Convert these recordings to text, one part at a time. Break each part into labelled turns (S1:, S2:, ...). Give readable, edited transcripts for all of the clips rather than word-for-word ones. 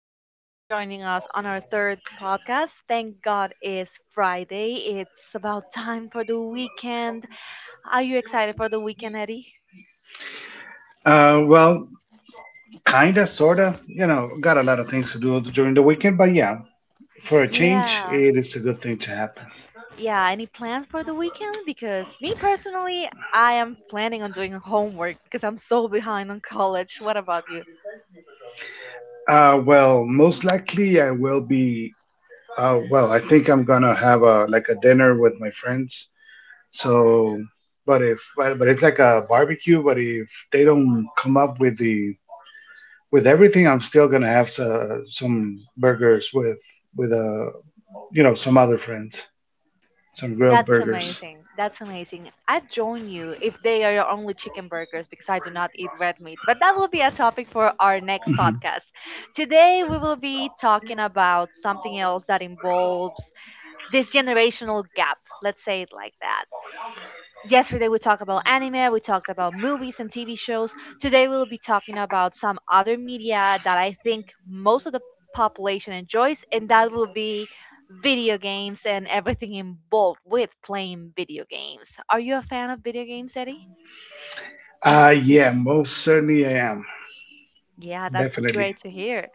S1: so much for joining us on our third podcast. Thank God it's Friday. It's about time for the weekend. Are you excited for the weekend, Eddie?
S2: Uh, well, Kinda, sorta. Got a lot of things to do during the weekend, but yeah, for a change,
S1: Yeah.
S2: it is a good thing to happen.
S1: Yeah. Any plans for the weekend? Because me personally, I am planning on doing homework because I'm so behind on college. What about you?
S2: Most likely I will be. I think I'm gonna have a dinner with my friends. So, but if But it's like a barbecue. But if they don't come up with everything, I'm still gonna have some burgers with some other friends, some grilled
S1: That's
S2: burgers.
S1: amazing. That's amazing. I'd join you if they are your only chicken burgers because I do not eat red meat. But that will be a topic for our next
S2: Mm-hmm.
S1: podcast. Today, we will be talking about something else that involves this generational gap. Let's say it like that. Yesterday we talked about anime, we talked about movies and TV shows. Today we'll be talking about some other media that I think most of the population enjoys, and that will be video games and everything involved with playing video games. Are you a fan of video games, Eddie?
S2: Yeah, most certainly I am.
S1: Yeah, that's
S2: Definitely.
S1: great to hear.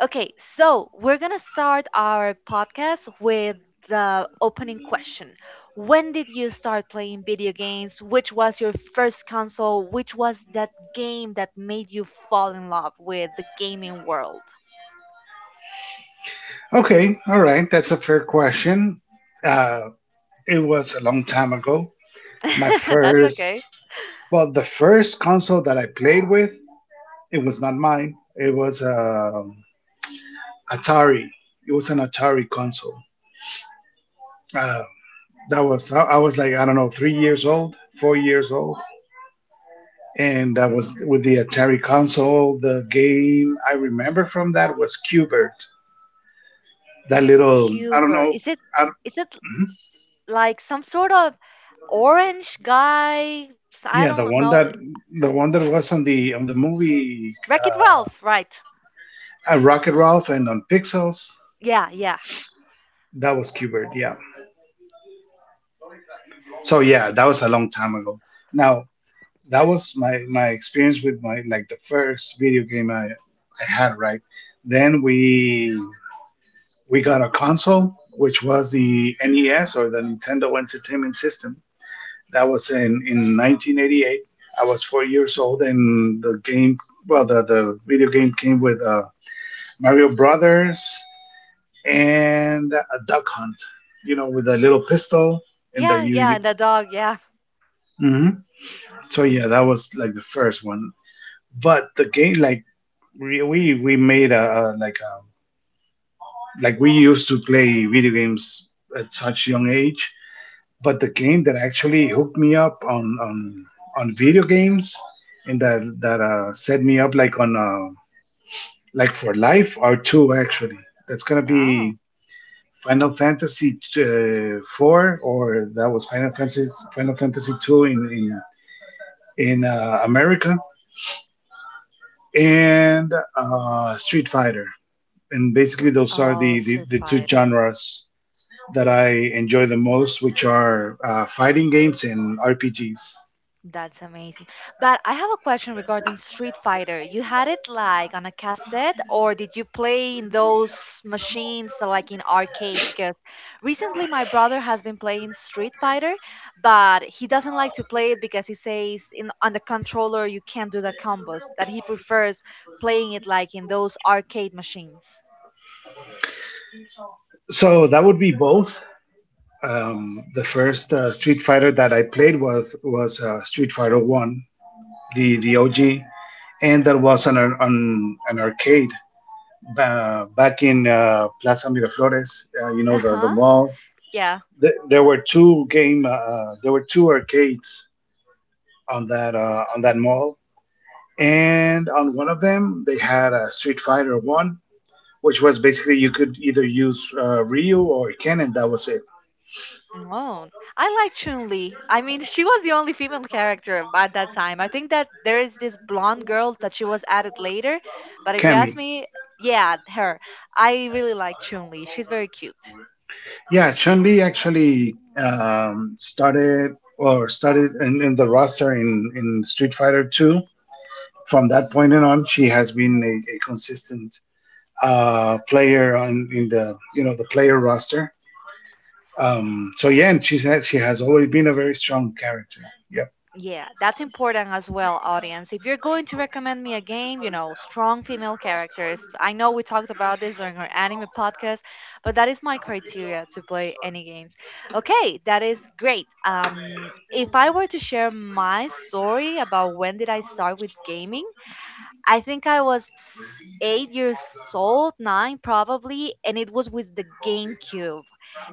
S1: Okay, so we're going to start our podcast with the opening question. When did you start playing video games? Which was your first console? Which was that game that made you fall in love with the gaming world?
S2: Okay, all right. That's a fair question. Uh, it was a long time ago. My
S1: That's
S2: first,
S1: okay.
S2: the first console that I played with, it was not mine. It was Atari. It was an Atari console. Uh, that was I was like, I don't know, 3 years old, 4 years old, and that was with the Atari console. The game I remember from that was Qbert. That little, I don't
S1: Cuber.
S2: know.
S1: Is it
S2: I,
S1: is it
S2: mhm.
S1: like some sort of orange guy? S- I
S2: Yeah,
S1: don't know.
S2: the one that was on the movie,
S1: Wreck-It
S2: uh,
S1: Ralph, right?
S2: Rocket Ralph, and on Pixels.
S1: Yeah, yeah.
S2: That was Qbert. Yeah. So yeah, that was a long time ago. Now, that was my experience with my like the first video game I had, right? Then we got a console, which was the NES, or the Nintendo Entertainment System. That was in 1988. I was 4 years old, and the game, the video game, came with Mario Brothers and a duck hunt, with a little pistol, and
S1: Yeah, yeah, and the dog, yeah.
S2: Mhm. So yeah, that was like the first one. But the game, like, we made a like we used to play video games at such young age. But the game that actually hooked me up on video games, and that set me up, like, on like for life, are two, actually. That's gonna
S1: Oh.
S2: be Final Fantasy, four, or that was Final Fantasy, two, in America, and Street Fighter. And basically those are
S1: Oh,
S2: the, the
S1: Street
S2: the two
S1: Fighter.
S2: genres that I enjoy the most, which are fighting games and RPGs.
S1: That's amazing. But I have a question regarding Street Fighter. You had it like on a cassette, or did you play in those machines like in arcade? Because recently my brother has been playing Street Fighter, but he doesn't like to play it because he says in on the controller you can't do the combos, that he prefers playing it like in those arcade machines.
S2: So that would be both. The first Street Fighter that I played was Street Fighter One, the OG, and that was on an arcade, back in Plaza Miraflores. You know, the
S1: Uh-huh.
S2: mall. Th- there were two game. There were two arcades on that mall, and on one of them they had a Street Fighter One, which was basically you could either use Ryu or Ken, and that was it.
S1: Oh, I like Chun-Li. I mean, she was the only female character at that time. I think that there is this blonde girl that she was added later, but if you
S2: Kami.
S1: ask me, yeah, her. I really like Chun-Li. She's very cute.
S2: Yeah, Chun Li actually started, or started in the roster, in Street Fighter 2. From that point on, she has been a consistent player on in the, the player roster. So yeah, and she has always been a very strong character. Yep.
S1: Yeah, that's important as well, audience. If you're going to recommend me a game, you know, strong female characters. I know we talked about this during our anime podcast, but that is my criteria to play any games. Okay, that is great. If I were to share my story about when did I start with gaming, I think I was 8 years old, nine probably, and it was with the GameCube.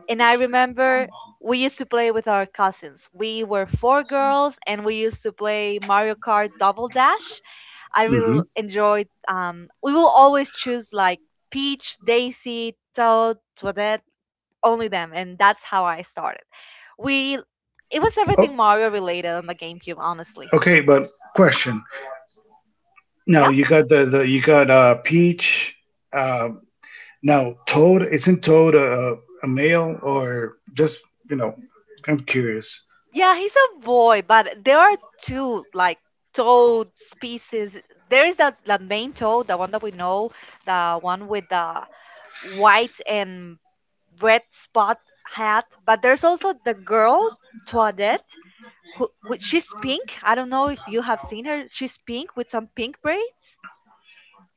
S1: And I remember we used to play with our cousins. We were four girls, and we used to play Mario Kart Double Dash. I
S2: Hmm.
S1: really enjoyed. We will always choose like Peach, Daisy, Toad, Toadette, only them, and that's how I started. We, it was everything
S2: Oh,
S1: Mario related on the GameCube, honestly.
S2: okay. But question, now
S1: Yeah.
S2: you got the you got Peach, uh, now, toad isn't toad a male, or just, you know? I'm curious.
S1: Yeah, he's a boy, but there are two like toad species. There is that the main toad, the one that we know, the one with the white and red spot hat. But there's also the girl Toadette, who she's pink. I don't know if you have seen her. She's pink with some pink braids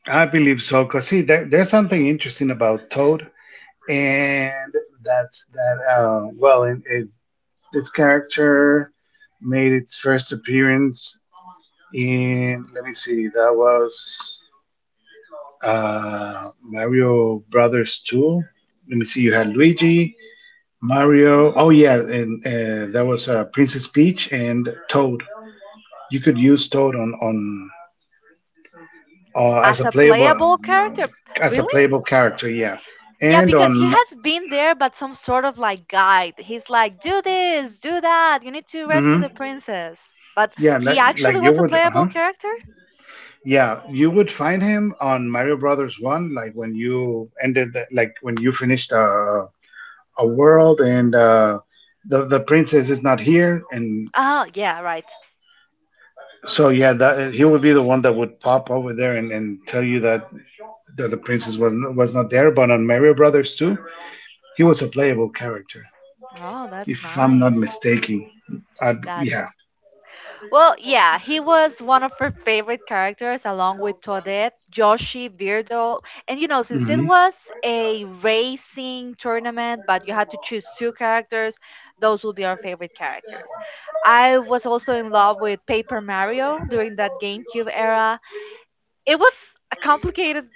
S2: I believe so, because see, there's something interesting about toad, and that's that. Its character made its first appearance in, let me see, that was uh, Mario Brothers Two. Let me see, you had Luigi, Mario. Oh yeah, and that was Princess Peach and Toad. You could use Toad on as
S1: as a playable character.
S2: a
S1: Really?
S2: playable character, yeah,
S1: Yeah,
S2: and
S1: because he
S2: on
S1: has been there, but some sort of like guide. He's like, do this, do that. You need to rescue
S2: mm
S1: the princess. But
S2: yeah,
S1: he
S2: like
S1: actually
S2: you
S1: was a
S2: would,
S1: playable
S2: uh-huh,
S1: character?
S2: yeah, you would find him on Mario Brothers One, like when you finished a world, and the princess is not here, and
S1: Oh, yeah, right.
S2: so yeah, that he would be the one that would pop over there and, tell you that the princess was not there. But on Mario Brothers 2, he was a playable character,
S1: Oh,
S2: if
S1: that's
S2: I'm not
S1: nice.
S2: mistaken. I
S1: That.
S2: Yeah.
S1: Well, yeah, he was one of her favorite characters along with Toadette, Yoshi, Beardo. And you know, since it
S2: Hmm.
S1: was a racing tournament, but you had to choose two characters, those will be our favorite characters. I was also in love with Paper Mario during that GameCube era. It was a complicated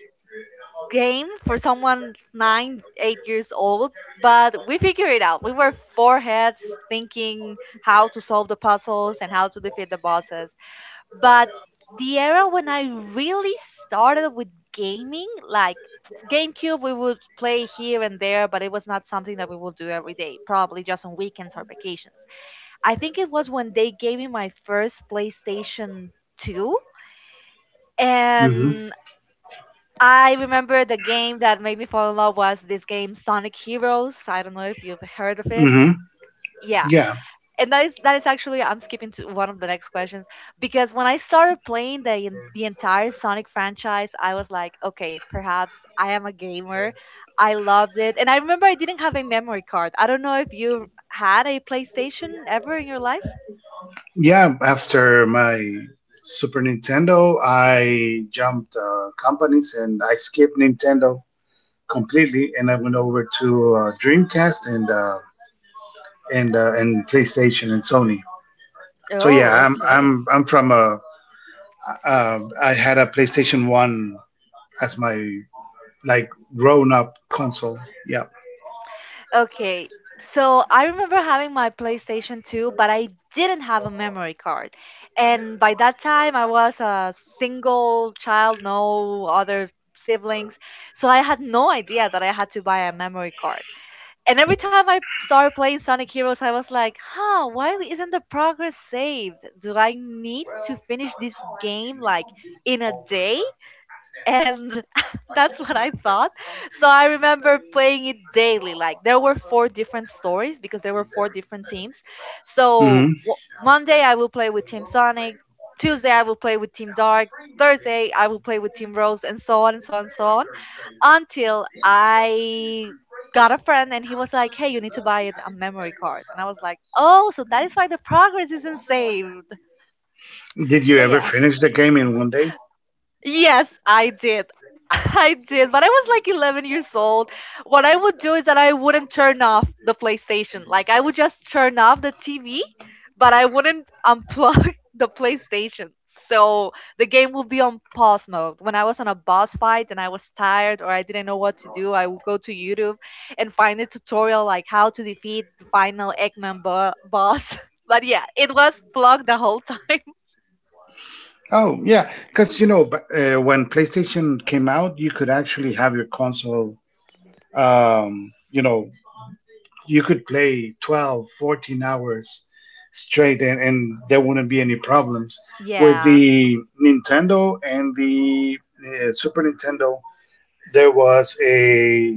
S1: game for someone nine, 8 years old, but we figured it out. We were four heads thinking how to solve the puzzles and how to defeat the bosses. But the era when I really started with gaming, like GameCube, we would play here and there, but it was not something that we would do every day, probably just on weekends or vacations. I think it was when they gave me my first PlayStation 2.
S2: Hmm.
S1: And I remember the game that made me fall in love was this game Sonic Heroes. I don't know if you've heard of it.
S2: Hmm.
S1: Yeah,
S2: Yeah.
S1: and that is actually I'm skipping to one of the next questions because when I started playing the the entire Sonic franchise, I was like, okay, perhaps I am a gamer. I loved it, and I remember I didn't have a memory card. I don't know if you had a PlayStation ever in your life.
S2: Yeah. After my Super Nintendo, I jumped companies, and I skipped Nintendo completely, and I went over to Dreamcast, and and PlayStation and Sony. So yeah,
S1: Oh, okay.
S2: I had a PlayStation One as my, like, grown up console. Yeah.
S1: Okay. So I remember having my PlayStation 2, but I didn't have a memory card. And by that time, I was a single child, no other siblings. So I had no idea that I had to buy a memory card. And every time I started playing Sonic Heroes, I was like, huh, why isn't the progress saved? Do I need to finish this game like in a day? And that's what I thought. So I remember playing it daily. Like there were four different stories because there were four different teams. So
S2: Hmm.
S1: w- Monday I will play with Team Sonic. Tuesday I will play with Team Dark. Thursday I will play with Team Rose, and so on and so on and so on until I got a friend and he was like, "Hey, you need to buy it- a memory card." And I was like, "Oh, so that is why the progress isn't saved."
S2: Did you
S1: So
S2: ever
S1: yeah,
S2: finish the game in one day?
S1: yes, I did. I did, but I was like 11 years old. What I would do is that I wouldn't turn off the PlayStation. Like I would just turn off the TV, but I wouldn't unplug the PlayStation. So the game would be on pause mode. When I was on a boss fight and I was tired or I didn't know what to do, I would go to YouTube and find a tutorial like how to defeat the final Eggman boss. But yeah, it was plugged the whole time.
S2: Oh, yeah, because, when PlayStation came out, you could actually have your console, um, you know, you could play 12, 14 hours straight, and, there wouldn't be any problems. With
S1: Yeah.
S2: the Nintendo and the Super Nintendo, there was a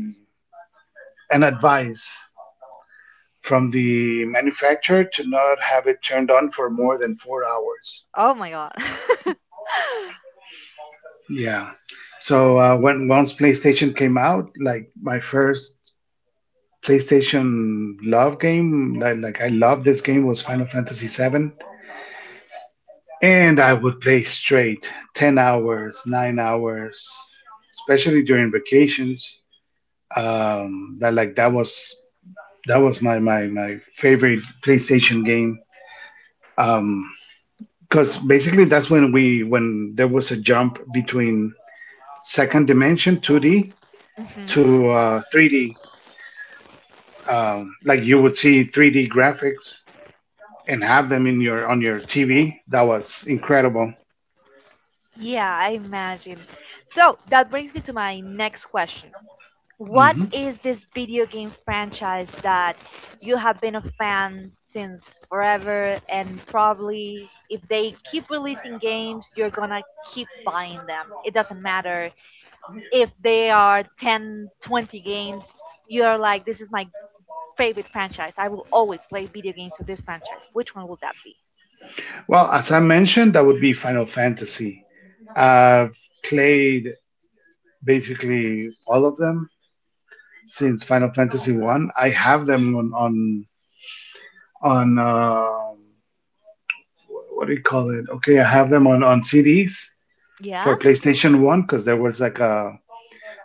S2: an advice from the manufacturer to not have it turned on for more than 4 hours.
S1: Oh my god.
S2: Yeah. So, when once PlayStation came out, like, my first PlayStation love game, I loved this game, was Final Fantasy VII, and I would play straight 10 hours, 9 hours, especially during vacations. That, like, that was my favorite PlayStation game. Um, because basically that's when we when there was a jump between second dimension 2D
S1: Mhm.
S2: to 3D, like, you would see 3D graphics and have them in your on your TV. That was incredible.
S1: Yeah, I imagine. So that brings me to my next question. What
S2: Hmm.
S1: is this video game franchise that you have been a fan since forever and probably if they keep releasing games, you're gonna keep buying them. It doesn't matter if they are 10, 20 games, you're like, this is my favorite franchise. I will always play video games of this franchise. Which one will that be?
S2: Well, as I mentioned, that would be Final Fantasy. I've played basically all of them since Final Fantasy One. I have them on on um what do you call it? Okay, I have them on CDs for
S1: Yeah?
S2: PlayStation One, because there was like a,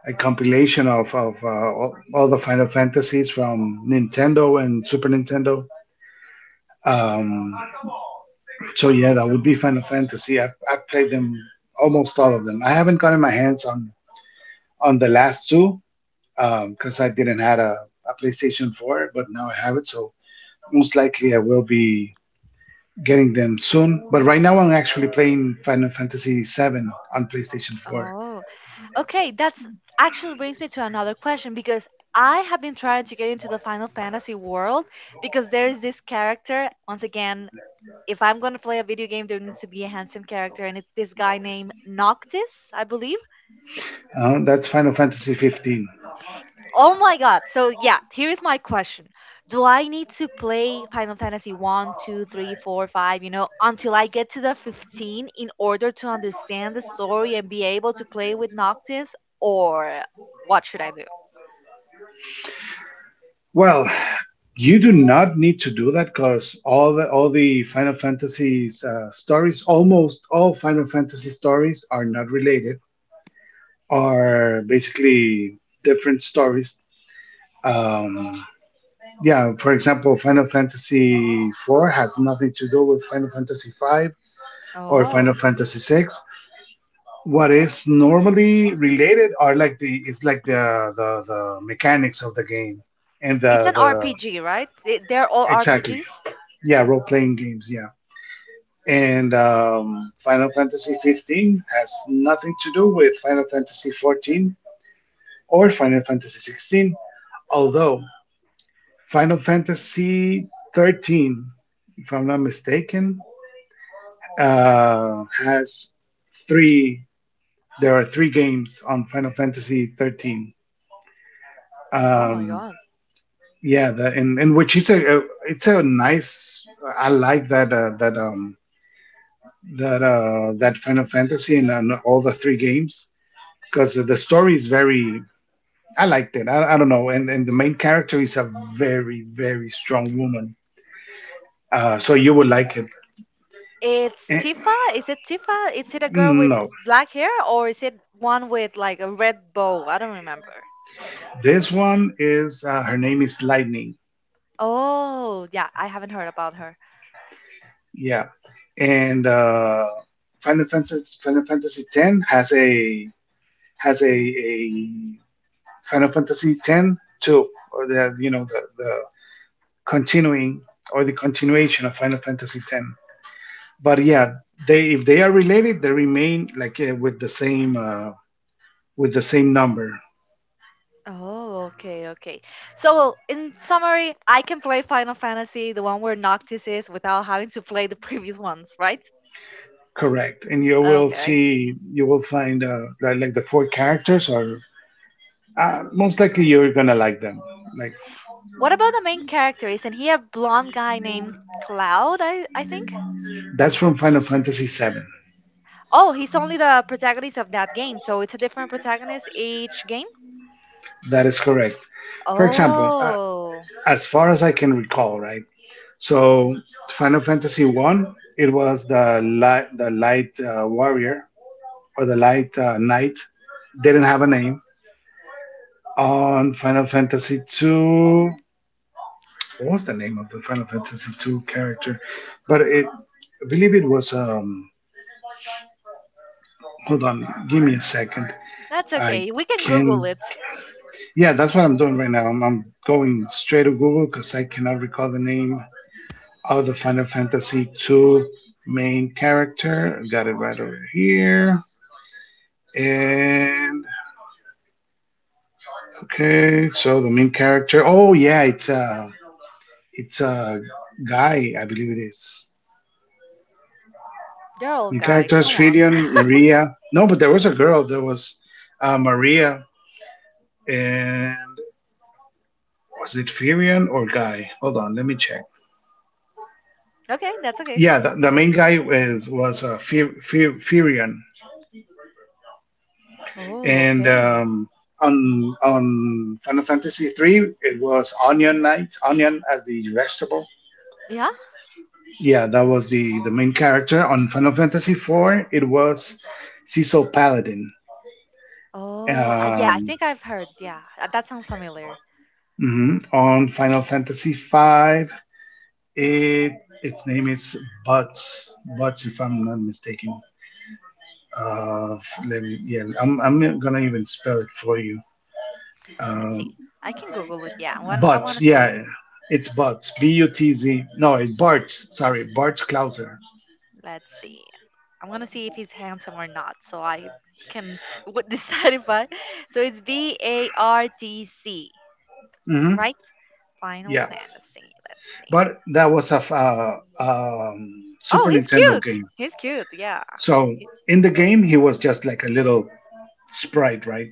S2: a compilation of all the Final Fantasies from Nintendo and Super Nintendo. Um, so yeah, that would be Final Fantasy. I've played them, almost all of them. I haven't gotten my hands on the last two because I didn't had a PlayStation 4, but now I have it, so most likely I will be getting them soon. But right now I'm actually playing Final Fantasy 7 on PlayStation 4.
S1: Oh, okay, that's actually brings me to another question because I have been trying to get into the Final Fantasy world because there is this character. Once again, if I'm going to play a video game, there needs to be a handsome character, and it's this guy named Noctis, I believe.
S2: That's Final Fantasy 15.
S1: Oh my god. So, yeah, here is my question. Do I need to play Final Fantasy one, 2, 3, 4, 5, you know, until I get to the 15 in order to understand the story and be able to play with Noctis? Or what should I do?
S2: Well, you do not need to do that, because all the Final Fantasy's stories, almost all Final Fantasy stories, are not related. Are basically different stories. Um, yeah, for example, Final Fantasy IV has nothing to do with Final Fantasy V or Final
S1: Oh.
S2: Fantasy VI. What is normally related are, like, the is like the mechanics of the game, and
S1: It's an
S2: the
S1: RPG, right? They're all
S2: exactly,
S1: RPGs.
S2: yeah, role playing games, yeah. And Final Fantasy 15 has nothing to do with Final Fantasy 14 or Final Fantasy 16, although Final Fantasy 13, if I'm not mistaken, has three. There are three games on Final Fantasy 13.
S1: Oh my
S2: Um,
S1: god.
S2: yeah, the, and which is a, it's a nice. I like that that Final Fantasy, and all the three games, because the story is very. I liked it. I don't know, and the main character is a very, very strong woman. So you would like it.
S1: It's
S2: Eh,
S1: Tifa. Is it Tifa? Is it a girl with
S2: no,
S1: black hair or is it one with like a red bow? I don't remember.
S2: this one is her name is Lightning.
S1: Oh, yeah, I haven't heard about her.
S2: Yeah, and Final Fantasy X has a Final Fantasy X too, or the, the continuing, or the continuation of Final Fantasy X. But yeah, they if they are related, they remain like with the same number,
S1: Oh, okay, okay. So, well, in summary, I can play Final Fantasy, the one where Noctis is, without having to play the previous ones, right?
S2: correct? And you will
S1: Okay.
S2: see, you will find like the four characters are most likely you're gonna like them. Like,
S1: What about the main character? Isn't he a blonde guy named Cloud, I think?
S2: that's from Final Fantasy VII.
S1: Oh, he's only the protagonist of that game, so it's a different protagonist each game?
S2: That is correct. For example,
S1: Oh,
S2: as far as I can recall, right? So Final Fantasy One, it was the light, warrior, or the light knight. Didn't have a name. On Final Fantasy Two, what was the name of the Final Fantasy Two character? I believe it was. Hold on, give me a second.
S1: that's
S2: I
S1: okay. We can Google
S2: can.
S1: it.
S2: Yeah, that's what I'm doing right now. I'm going straight to Google because I cannot recall the name of the Final Fantasy Two main character. Got it right over here. And okay, so the main character. Oh yeah, it's a guy, I believe it is.
S1: They're all
S2: Main
S1: guys,
S2: characters
S1: come on.
S2: Fidian, Maria. No, but there was a girl. There was Maria, and was it Firion or Guy? Hold on, let me check.
S1: Okay, that's okay.
S2: Yeah, the main guy is was Firion.
S1: Oh,
S2: And
S1: okay.
S2: on Final Fantasy three, it was onion knight, onion as the vegetable.
S1: Yeah?
S2: Yeah, that was the main character. On Final Fantasy four, it was Cecil Paladin.
S1: Oh, yeah, I
S2: Um,
S1: think I've heard. Yeah, that sounds familiar.
S2: mhm. On Final Fantasy five, it its name is Butts. Butts, if I'm not mistaken. Uh, Let me, yeah, I'm gonna even spell it for you.
S1: Let's see.
S2: Um,
S1: I can Google it. Yeah, I
S2: but
S1: want to see.
S2: yeah, it's Butz. B U T Z. No, it's Bartz. Sorry, Bartz Klauser.
S1: Let's see. I'm going to see if he's handsome or not, so I can w- decide if I. So it's BARTC,
S2: hmm
S1: right? Final
S2: Yeah,
S1: Fantasy. Let's see.
S2: but that was a
S1: Oh,
S2: Super
S1: he's
S2: Nintendo
S1: cute.
S2: game.
S1: He's cute. Yeah.
S2: So
S1: He-
S2: in the game, he was just like a little sprite, right?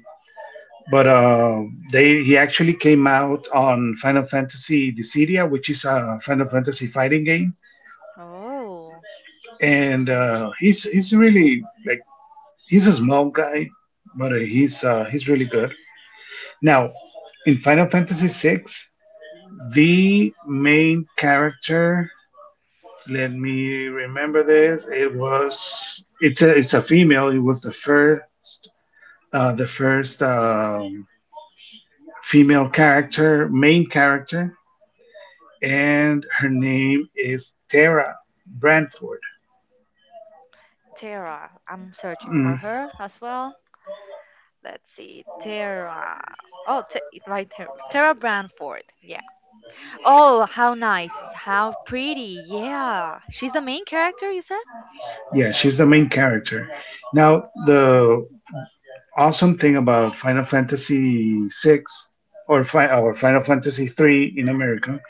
S2: But they he actually came out on Final Fantasy Dissidia, which is a Final Fantasy fighting game,
S1: oh,
S2: and he's really like he's a small guy, but he's really good. Now, in Final Fantasy VI, the main character, let me remember this. It's a female. It was the first uh, the first um, female character, main character, and her name is Tara Branford.
S1: Tara. I'm searching for
S2: Mm
S1: her as well. Let's see. Tara. Oh, t- right here. Tara Branford. Yeah. Oh, how nice. How pretty. Yeah. She's the main character, you said?
S2: Yeah, she's the main character. Now, the awesome thing about Final Fantasy VI, or Final Fantasy III in America,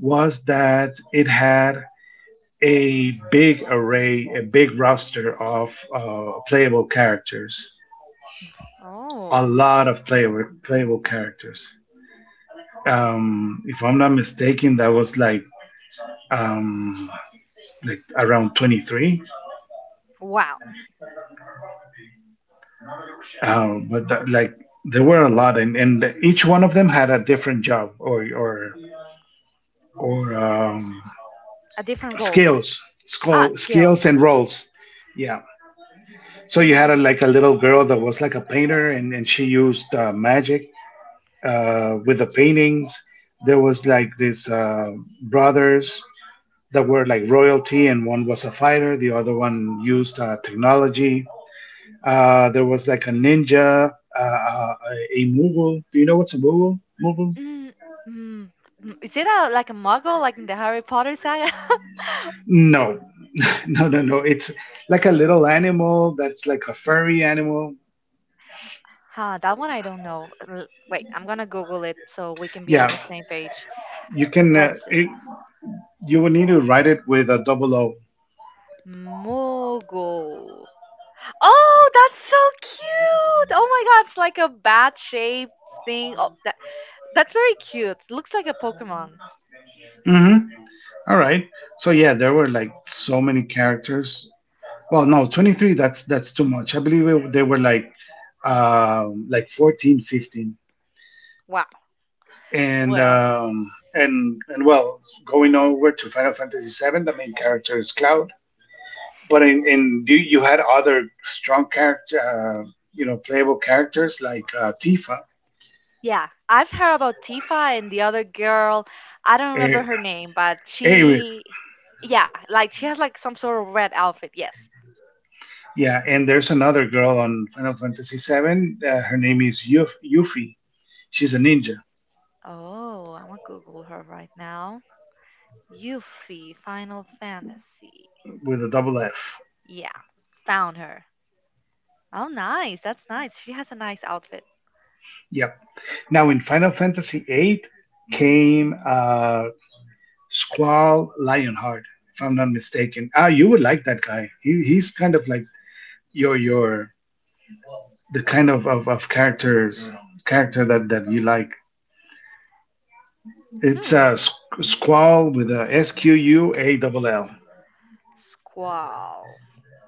S2: was that it had a big array, a big roster of playable characters, a
S1: Oh,
S2: lot of playable characters. If I'm not mistaken, that was um, like around 23.
S1: wow.
S2: But that, like, there were a lot, and, each one of them had a different job, or
S1: A different role.
S2: skills,
S1: Ah,
S2: skills
S1: skills.
S2: and roles. Yeah. So you had a, like a little girl that was like a painter, and she used magic with the paintings. There was like these brothers that were like royalty, and one was a fighter, the other one used technology. There was like a ninja, uh, uh, a Moogle. Do you know what's a Moogle? Moogle?
S1: Mm, mm, mm. Is it a, like a muggle, like in the Harry Potter saga?
S2: No, No, no. It's like a little animal that's like a furry animal.
S1: Huh, that one I don't know. L- Wait, I'm gonna Google it so we can be
S2: Yeah,
S1: on the same page.
S2: you can.
S1: Let's see.
S2: You will need to write it with a double O.
S1: Moogle. Oh, that's so cute! Oh my god, it's like a bat-shaped thing. Oh, that's very cute. Looks like a Pokemon.
S2: Mm-hmm. All right. So yeah, there were like so many characters. Well, no, 23, that's too much. I believe it, they were like 14, 15.
S1: Wow.
S2: And
S1: Well,
S2: um and and well, going over to Final Fantasy 7, the main character is Cloud, but you had other strong character, you know, playable characters like Tifa,
S1: yeah, I've heard about Tifa and the other girl. I don't remember her
S2: A-
S1: name, but
S2: Aerith.
S1: she, yeah, like she has like some sort of red outfit. Yes.
S2: Yeah, and there's another girl on Final Fantasy Seven. Her name is Yuffie. She's a ninja
S1: Oh, I'm gonna Google her right now. Yuffie, Final Fantasy.
S2: with a double F.
S1: Yeah, found her. Oh, nice. That's nice. She has a nice outfit.
S2: Yep. Now in Final Fantasy Eight came Squall Lionheart, if I'm not mistaken. Ah, you would like that guy. He's kind of like your the kind of characters character that you like. It's
S1: Hmm.
S2: a Squall with a Squall.
S1: Squall.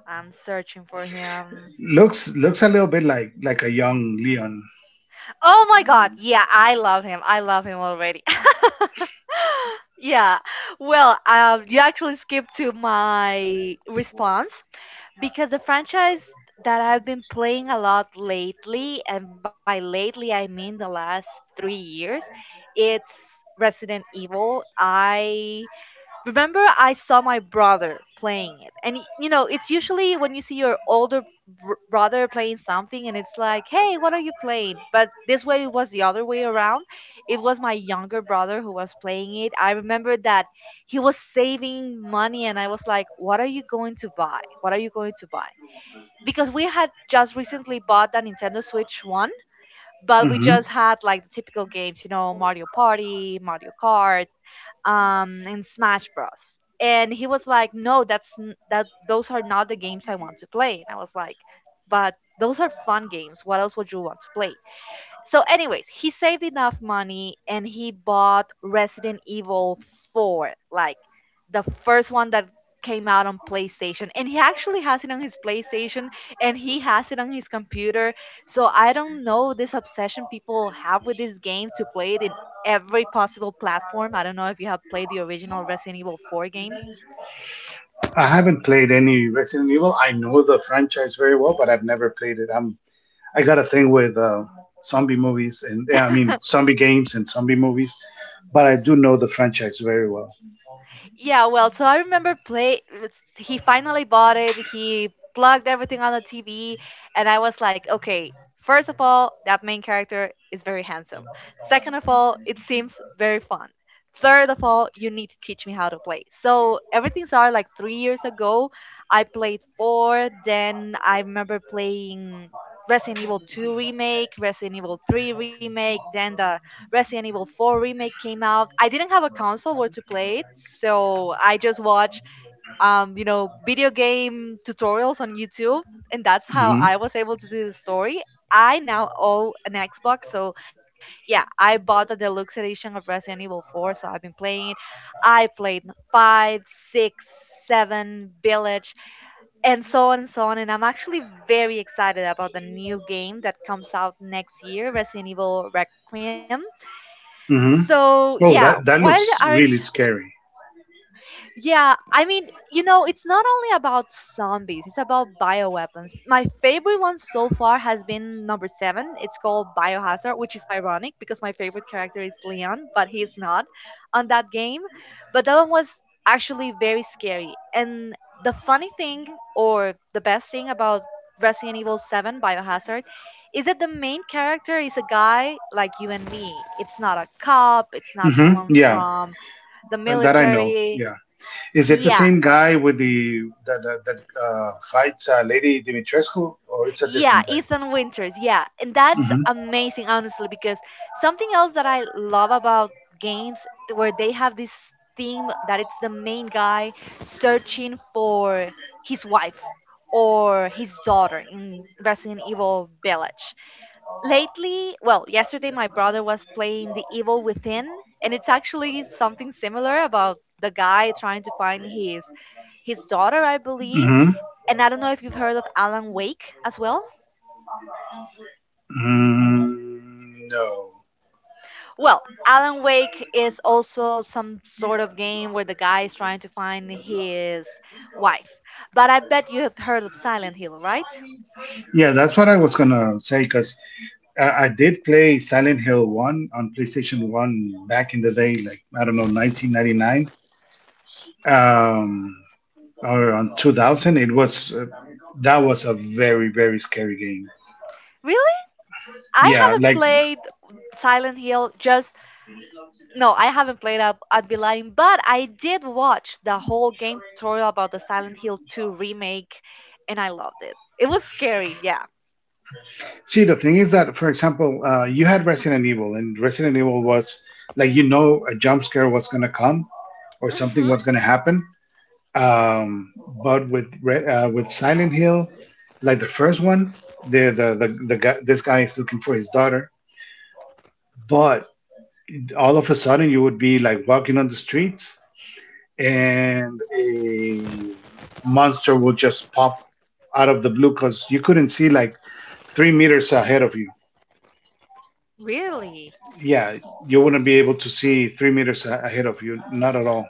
S1: I'm searching for him.
S2: Looks looks a little bit like a young Leon.
S1: Oh my god. Yeah, I love him. I love him already. Yeah. Well, you actually skipped to my response because the franchise that I've been playing a lot lately, and by lately I mean the last 3 years, it's Resident Evil. I remember I saw my brother playing it. And it's usually when you see your older br- brother playing something and it's like, "Hey, what are you playing?" But this way it was the other way around. It was my younger brother who was playing it. I remember that he was saving money and I was like, "What are you going to buy? What are you going to buy?" Because we had just recently bought the Nintendo Switch 1, but we
S2: hmm
S1: just had like the typical games, Mario Party, Mario Kart, and Smash Bros. And he was like, "No, that's n- that. Those are not the games I want to play." And I was like, "But those are fun games. What else would you want to play?" So, anyways, he saved enough money and he bought Resident Evil 4, like the first one that came out on PlayStation. And he actually has it on his PlayStation and he has it on his computer. So, I don't know this obsession people have with this game to play it in every possible platform. I don't know if you have played the original Resident Evil 4 game.
S2: I haven't played any Resident Evil. I know the franchise very well, but I've never played it. I'm I got a thing with zombie movies, and yeah, I mean zombie games and zombie movies, but I do know the franchise very well.
S1: Yeah, well, so I remember he finally bought it. He plugged everything on the TV and I was like, "Okay, first of all, that main character is very handsome. Second of all, it seems very fun. Third of all, you need to teach me how to play." So, everything started like 3 years ago. I played 4, then I remember playing Resident Evil 2 remake, Resident Evil 3 remake, then the Resident Evil 4 remake came out. I didn't have a console where to play it, so I just watched video game tutorials on YouTube, and that's how
S2: hmm
S1: I was able to see the story. I now own an Xbox, so yeah, I bought the deluxe edition of Resident Evil 4, so I've been playing it. I played 5, 6, 7 Village, and so on and so on. And I'm actually very excited about the new game that comes out next year, Resident Evil Requiem.
S2: hmm
S1: So,
S2: Oh,
S1: yeah,
S2: that that looks really scary.
S1: yeah, I mean, it's not only about zombies, it's about bioweapons. My favorite one so far has been number seven. It's called Biohazard, which is ironic because my favorite character is Leon, but he's not on that game. But that one was actually very scary. And the funny thing, or the best thing about Resident Evil 7 Biohazard, is that the main character is a guy like you and me. It's not a cop, it's not someone
S2: Yeah,
S1: from the
S2: that, that I know.
S1: military.
S2: Yeah, is it the
S1: Yeah,
S2: same guy with the that fights Lady Dimitrescu, or it's a
S1: yeah,
S2: different
S1: Ethan Winters. Yeah, and that's
S2: guy?
S1: amazing, honestly, because something else that I love about games where they have this theme that it's the main guy searching for his wife or his daughter in Resident Evil Village. Lately, well, yesterday my brother was playing The Evil Within, and it's actually something similar about the guy trying to find his daughter, I believe,
S2: Mm-hmm.
S1: and I don't know if you've heard of Alan Wake as well.
S2: Mm, no.
S1: Well, Alan Wake is also some sort of game where the guy is trying to find his wife. But I bet you have heard of Silent Hill, right?
S2: Yeah, that's what I was gonna say because I did play Silent Hill One on PlayStation One back in the day, like I don't know, 1999. Um, Around 2000 it was that was a very very scary game.
S1: Really? I
S2: Yeah,
S1: haven't
S2: like
S1: played Silent Hill, just, no, I haven't played, up, I'd be lying, but I did watch the whole game tutorial about the Silent Hill 2 remake and I loved it. It was scary, yeah.
S2: see the thing is that for example you had Resident Evil and Resident Evil was like, you know, a jump scare was going to come or something
S1: Mhm.
S2: was going to happen. um, but with with silent Hill, like the first one, the guy this guy is looking for his daughter, but all of a sudden you would be like walking on the streets, and a monster will just pop out of the blue because you couldn't see like 3 meters ahead of you.
S1: Really?
S2: Yeah, you wouldn't be able to see 3 meters ahead of you, not at all.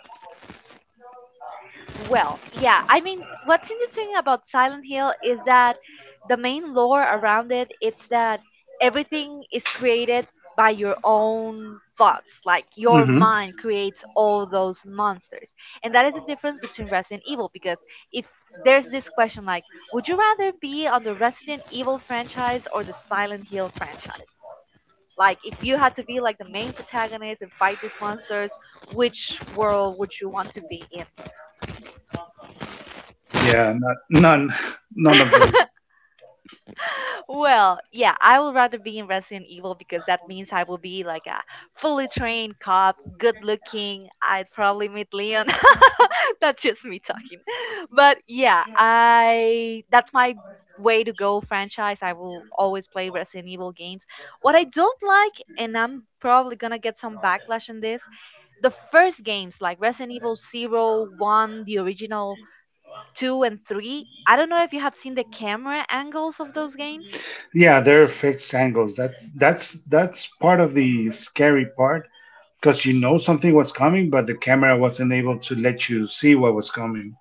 S1: Well, yeah, I mean, what's interesting about Silent Hill is that the main lore around it's that everything is created by your own thoughts. Like your
S2: hmm
S1: mind creates all those monsters. And that is the difference between Resident Evil because if there's this question like, would you rather be on the Resident Evil franchise or the Silent Hill franchise? Like if you had to be like the main protagonist and fight these monsters, which world would you want to be in?
S2: Yeah, not, none, none of those.
S1: Well, yeah, I would rather be in Resident Evil because that means I will be like a fully trained cop, good looking. I'd probably meet Leon. That's just me talking. But yeah, I that's my way to go franchise. I will always play Resident Evil games. What I don't like, and I'm probably gonna get some backlash on this, the first games like Resident Evil Zero, One, the original 2 and 3. I don't know if you have seen the camera angles of those games.
S2: Yeah, they're fixed angles. That's that's part of the scary part because you know something was coming, but the camera wasn't able to let you see what was coming.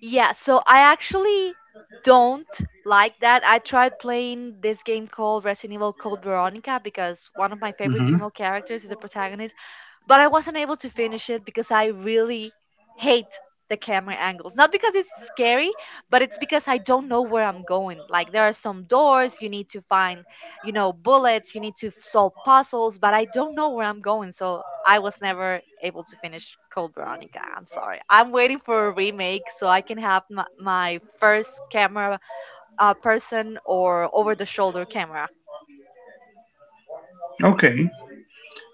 S1: Yeah, so I actually don't like that. I tried playing this game called Resident Evil Code Veronica because one of my favorite
S2: hmm
S1: female characters is the protagonist, but I wasn't able to finish it because I really hate the camera angles. Not because it's scary, but it's because I don't know where I'm going. Like there are some doors you need to find, bullets, you need to f- solve puzzles, but I don't know where I'm going. So I was never able to finish Code Veronica. I'm sorry. I'm waiting for a remake so I can have my first camera, person or over the shoulder camera.
S2: Okay.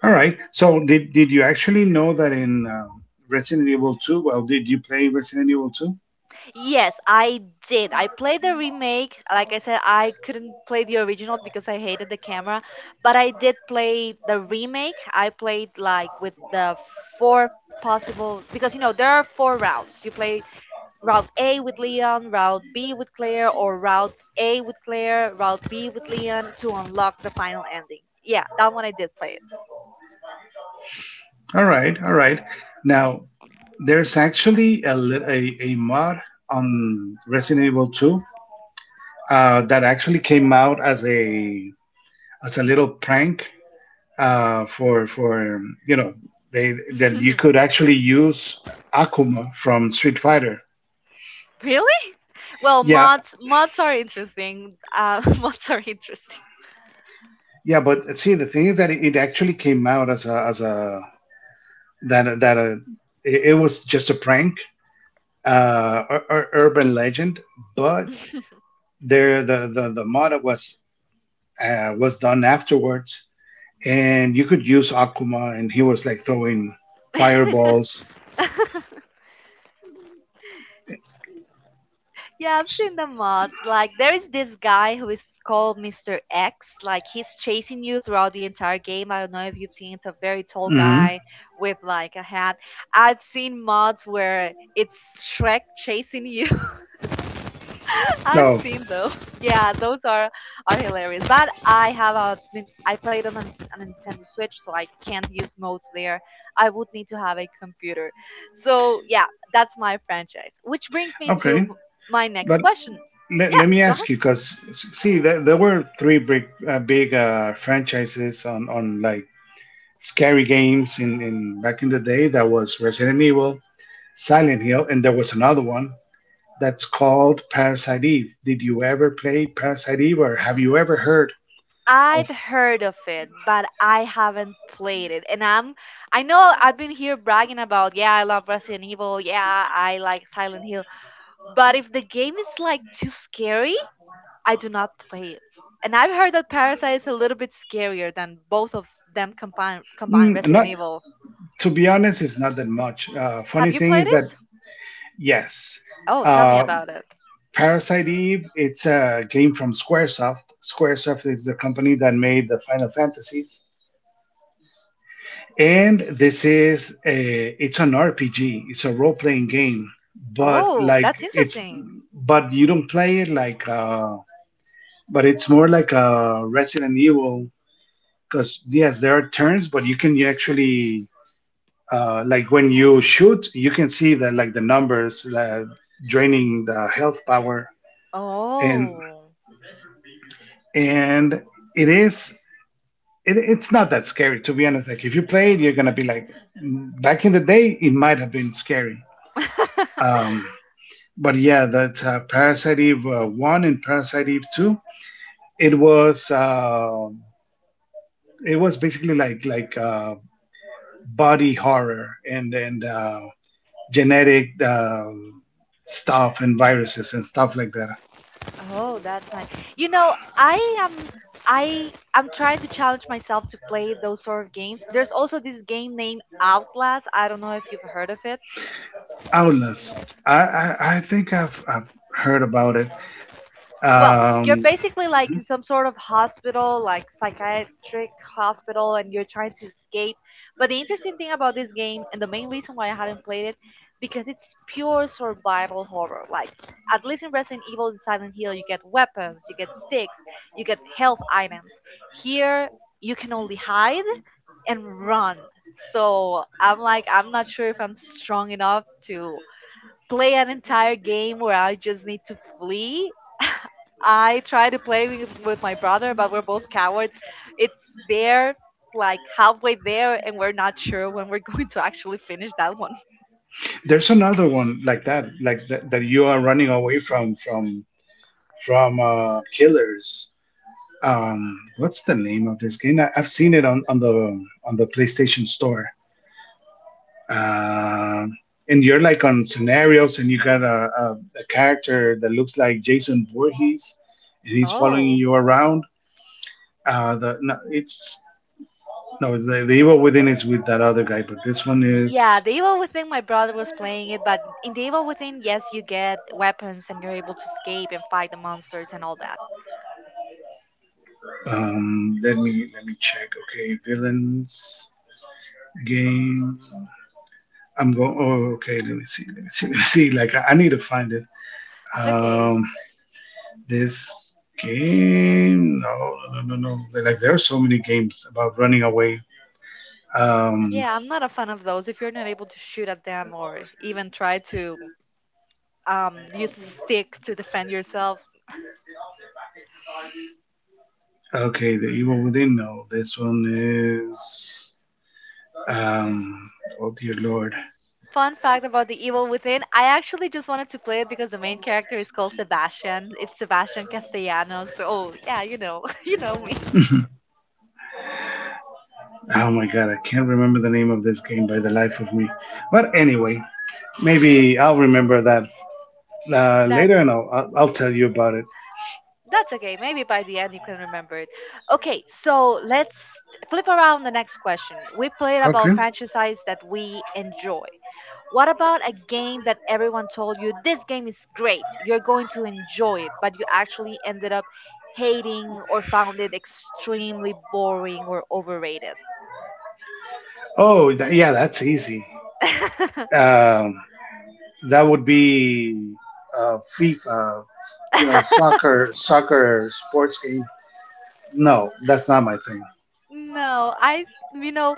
S2: All right. So did you actually know that in Resident Evil 2, well, did you play Resident Evil 2?
S1: Yes, I did. I played the remake. Like I said, I couldn't play the original because I hated the camera, but I did play the remake. I played like with the four possible because you know there are four routes. You play route A with Leon, route B with Claire, or route A with Claire, route B with Leon to unlock the final ending. Yeah, that one I did play
S2: All right, all right. Now, there's actually a mod on Resident Evil 2 that actually came out as a little prank for you know they that you
S1: it.
S2: could actually use Akuma from Street Fighter.
S1: Really? Well,
S2: Yeah,
S1: mods are interesting. Mods are interesting.
S2: yeah. But see, the thing is that it actually came out as a that that it, it was just a prank, urban legend, but the motto was done afterwards. And you could use Akuma, and he was like throwing fireballs.
S1: Yeah, I've seen the mods. Like there is this guy who is called Mr. X. Like he's chasing you throughout the entire game. I don't know if you've seen. It's a very tall
S2: hmm
S1: guy with like a hat. I've seen mods where it's Shrek chasing you. I've
S2: Oh,
S1: seen those. Yeah, those are hilarious. But I played on a Nintendo Switch, so I can't use modes there. I would need to have a computer. So yeah, that's my franchise. Which brings me to
S2: okay.
S1: my next
S2: But
S1: question.
S2: let,
S1: Yeah,
S2: let me
S1: go
S2: ask
S1: ahead.
S2: you, because see, there were three big franchises on like scary games in back in the day. That was Resident Evil, Silent Hill, and there was another one that's called Parasite Eve. Did you ever play Parasite Eve, or have you ever heard of
S1: I've heard of it, but I haven't played it. And I know I've been here bragging about, yeah, I love Resident Evil, yeah, I like Silent Hill. But if the game is like too scary, I do not play it. And I've heard that Parasite is a little bit scarier than both of them combined
S2: Mm,
S1: Resident
S2: not
S1: Evil.
S2: to be honest, it's not that much. Funny
S1: Have you
S2: thing
S1: played
S2: is that
S1: it?
S2: yes,
S1: Oh, tell me
S2: uh,
S1: about it.
S2: Parasite Eve. It's a game from SquareSoft. SquareSoft is the company that made the Final Fantasies, and this is a. It's an RPG. It's a role playing game, but
S1: Oh,
S2: like
S1: that's
S2: it's,
S1: interesting.
S2: but you don't play it like. But it's more like a Resident Evil because yes, there are turns, but you can actually like when you shoot, you can see that like the numbers draining the health power, and
S1: Oh.
S2: and it is it, it's not that scary to be honest. Like if you play it, you're gonna be like, back in the day, it might have been scary. Um, but yeah, that's Parasite Eve one and Parasite Eve two. It was uh, it was basically like body horror and genetic stuff and viruses and stuff like that.
S1: Oh, that's nice. You know, I am trying to challenge myself to play those sort of games. There's also this game named Outlast. I don't know if you've heard of it.
S2: Outlast. I think I've heard about it.
S1: Well, you're
S2: Um,
S1: basically like
S2: mhm.
S1: in some sort of hospital, like psychiatric hospital, and you're trying to escape. But the interesting thing about this game, and the main reason why I haven't played it, because it's pure survival horror. Like, at least in Resident Evil and Silent Hill, you get weapons, you get sticks, you get health items. Here, you can only hide and run. So I'm like, I'm not sure if I'm strong enough to play an entire game where I just need to flee. I try to play with my brother, but we're both cowards. It's there, like halfway there, and we're not sure when we're going to actually finish that one.
S2: There's another one like that, that you are running away from killers. What's the name of this game? I, I've seen it on the PlayStation Store. Um and you're like on scenarios, and you got a character that looks like Jason Voorhees, and he's following
S1: Oh.
S2: you around. The No, it's no, the Evil Within is with that other guy, but this one
S1: Yeah,
S2: is
S1: the Evil Within, my brother was playing it, but in the Evil Within, yes, you get weapons and you're able to escape and fight the monsters and all that.
S2: Let me check. Okay, villains game. I'm going. Oh, okay. Let me see. Let me see. Let me see. Like I need to find it.
S1: It's okay.
S2: Um, this game. No, no. Like there are so many games about running away. Um,
S1: Yeah, I'm not a fan of those. If you're not able to shoot at them or even try to use a stick to defend yourself,
S2: okay. The Evil Within. No, this one is. Um, oh dear lord.
S1: fun fact about The Evil Within. I actually just wanted to play it because the main character is called Sebastian. It's Sebastian Castellanos. So, oh, yeah, you know me.
S2: Oh my god, I can't remember the name of this game by the life of me. But anyway, maybe I'll remember that
S1: That
S2: later and I'll tell you about it.
S1: that's okay. Maybe by the end you can remember it. Okay, so let's flip around the next question. We played
S2: Okay.
S1: about franchises that we enjoy. What about a game that everyone told you this game is great, you're going to enjoy it, but you actually ended up hating or found it extremely boring or overrated?
S2: Yeah, that's easy. Um, that would be FIFA, you know, soccer, soccer sports game. No, that's not my thing.
S1: No, you know,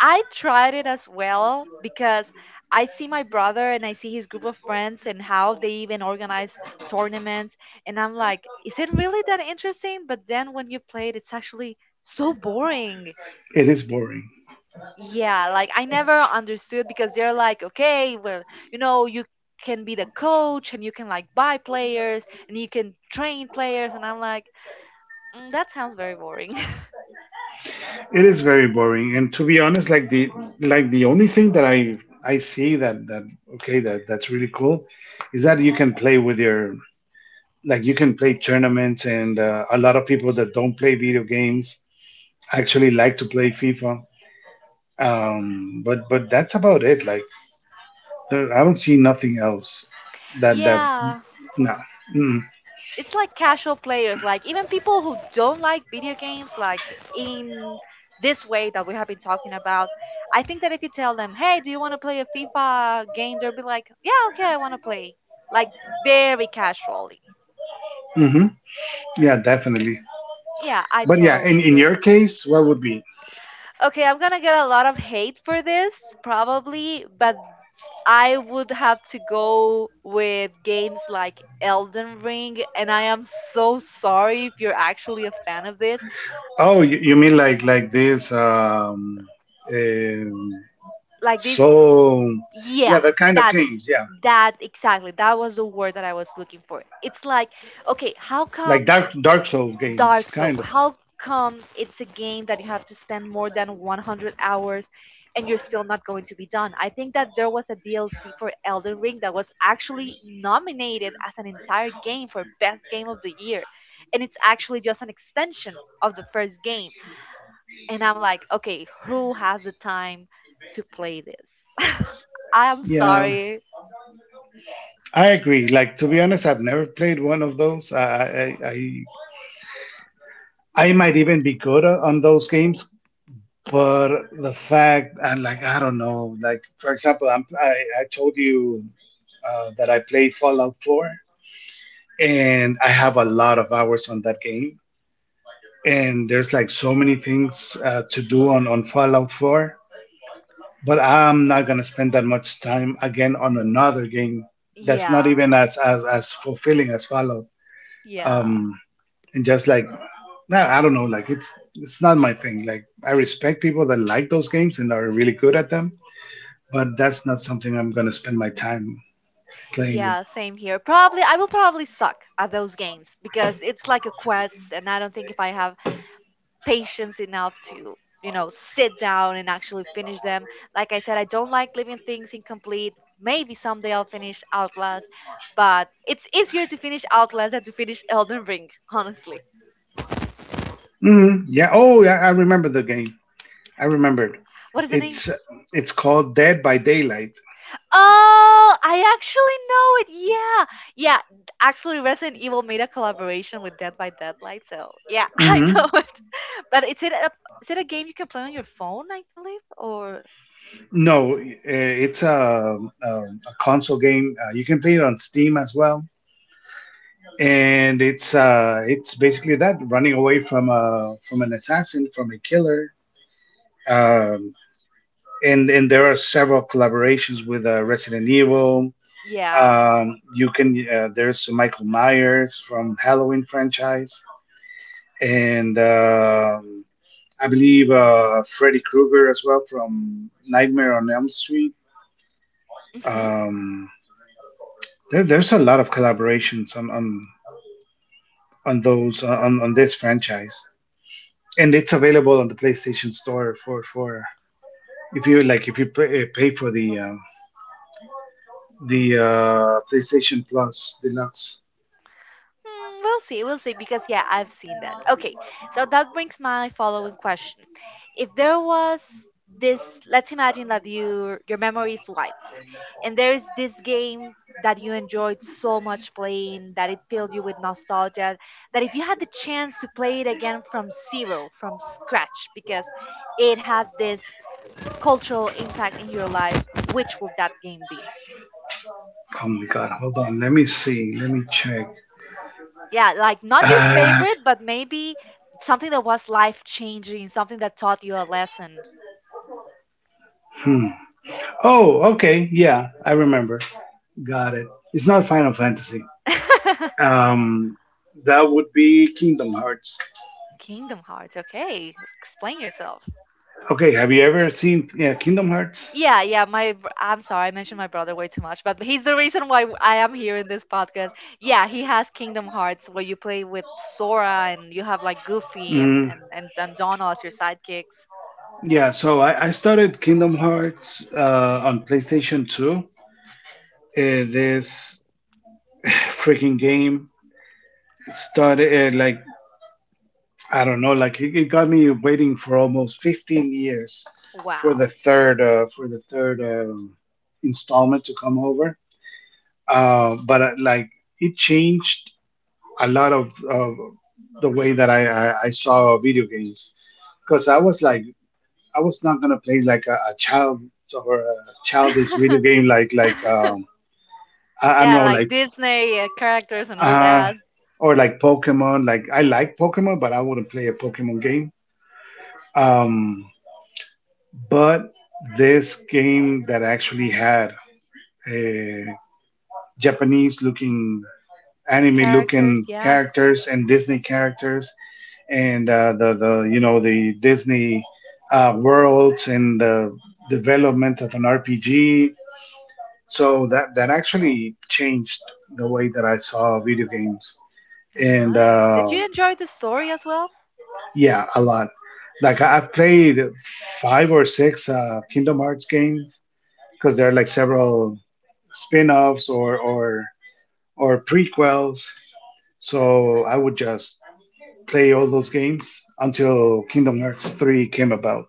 S1: I tried it as well because I see my brother and I see his group of friends and how they even organize tournaments. And I'm like, is it really that interesting? But then when you play it, it's actually so boring.
S2: It is boring.
S1: Yeah, like I never understood because they're like, okay, well, you can be the coach and you can like buy players and you can train players. And I'm like, that sounds very boring.
S2: It is very boring, and to be honest, like the only thing that I see that that okay that that's really cool is that you can play with your like you can play tournaments, and a lot of people that don't play video games actually like to play FIFA. But that's about it. Like there, I don't see nothing else that that
S1: Yeah.
S2: no.
S1: It's like casual players, like even people who don't like video games, like in this way that we have been talking about. I think that if you tell them, "Hey, do you want to play a FIFA game?" They'll be like, "Yeah, okay, I want to play." Like very casually.
S2: hmm Yeah, definitely.
S1: Yeah, I
S2: But yeah,
S1: totally
S2: in your
S1: agree.
S2: case, what would be?
S1: Okay, I'm gonna get a lot of hate for this probably, but I would have to go with games like Elden Ring, and I am so sorry if you're actually a fan of this.
S2: Oh, you mean like this um,
S1: Like these
S2: so yeah,
S1: Yes,
S2: that kind of
S1: that's
S2: games, yeah.
S1: that exactly. That was the word that I was looking for. It's like, okay, how
S2: Like
S1: come
S2: Dark Dark Souls games,
S1: Dark Soul?
S2: kind of.
S1: How come it's a game that you have to spend more than 100 hours and you're still not going to be done? I think that there was a DLC for Elden Ring that was actually nominated as an entire game for best game of the year, and it's actually just an extension of the first game. And I'm like, okay, who has the time to play this? I'm
S2: Yeah,
S1: sorry.
S2: I agree. Like to be honest, I've never played one of those. I might even be good on those games, but the fact and like I don't know, like for example, I'm, I told you that I played Fallout Four, and I have a lot of hours on that game. And there's like so many things to do on Fallout Four, but I'm not gonna spend that much time again on another game that's not
S1: Yeah,
S2: even as fulfilling as Fallout.
S1: yeah,
S2: Um, and just like I don't know, like it's not my thing. Like I respect people that like those games and are really good at them, but that's not something I'm gonna spend my time playing with.
S1: yeah, same here. Probably, I will probably suck at those games because it's like a quest, and I don't think if I have patience enough to sit down and actually finish them. Like I said, I don't like leaving things incomplete. Maybe someday I'll finish Outlast, but it's easier to finish Outlast than to finish Elden Ring, honestly.
S2: Yeah. Oh, yeah. I remember the game. I remembered.
S1: What is the name?
S2: It's it's called Dead by Daylight.
S1: Oh, I actually know it. Yeah. Yeah. Actually, Resident Evil made a collaboration with Dead by Deadlight. So, yeah, I
S2: hmm
S1: know it. But is it a game you can play on your phone, I believe? Or
S2: No, it's a console game. You can play it on Steam as well, and it's basically that running away from a from an assassin, from a killer. Um, and there are several collaborations with Resident Evil.
S1: yeah.
S2: You can there's Michael Myers from Halloween franchise, and I believe Freddy Krueger as well from Nightmare on Elm Street.
S1: Mm-hmm.
S2: Um, there's a lot of collaborations on those on this franchise, and it's available on the PlayStation Store for if you like, if you pay, pay for the PlayStation Plus Deluxe.
S1: Hmm, we'll see, because yeah, I've seen that. Okay, so that brings my following question. If there was this, let's imagine that your memory is wiped, and there is this game that you enjoyed so much playing that it filled you with nostalgia, that if you had the chance to play it again from zero, from scratch, because it had this cultural impact in your life, which would that game be?
S2: Oh my God. Hold on. Let me see. Let me check.
S1: Yeah, like not your
S2: Uh,
S1: favorite, but maybe something that was life changing, something that taught you a lesson.
S2: hmm. Oh, okay. Yeah, I remember. Got it. It's not Final Fantasy. Um, that would be Kingdom Hearts.
S1: Kingdom Hearts. Okay, explain yourself.
S2: Okay, have you ever seen, yeah, Kingdom Hearts?
S1: Yeah, yeah. I'm sorry, I mentioned my brother way too much, but he's the reason why I am here in this podcast. Yeah, he has Kingdom Hearts, where you play with Sora and you have like Goofy and
S2: Mm,
S1: and and, and Donald as your sidekicks.
S2: yeah, so I started Kingdom Hearts on PlayStation 2. This freaking game started like I don't know, like it got me waiting for almost 15 years for the
S1: Wow.
S2: third for the third installment to come over. But Like it changed a lot of the way that I saw video games because I was like I was not gonna play like a child or a childish video game like like I don't
S1: Yeah,
S2: know,
S1: like
S2: like
S1: Disney characters and all
S2: uh,
S1: that.
S2: or like Pokemon. Like I like Pokemon, but I wouldn't play a Pokemon game. Um, But this game that actually had a Japanese looking, anime looking
S1: Characters, yeah.
S2: characters and Disney characters and the you know, the Disney worlds and the development of an RPG. So that actually changed the way that I saw video games
S1: That's
S2: and
S1: nice. Did
S2: uh,
S1: you enjoy the story as well?
S2: yeah, a lot. Like I've played five or six Kingdom Hearts games because there are like several spin-offs or prequels. So I would just play all those games until Kingdom Hearts 3 came about.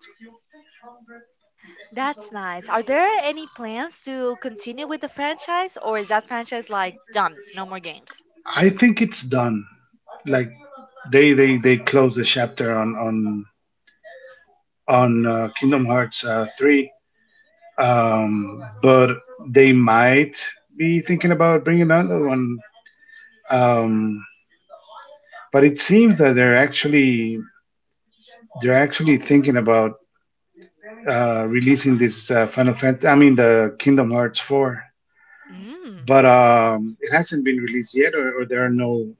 S1: That's nice. Are there any plans to continue with the franchise or is that franchise like done? No more games?
S2: I think it's done. Like they closed the chapter on Kingdom Hearts 3. But they might be thinking about bringing another one. Um, but it seems that they're actually thinking about releasing this Final Fantasy, I mean, the Kingdom Hearts 4,
S1: Mm.
S2: but it hasn't been released yet, or there are no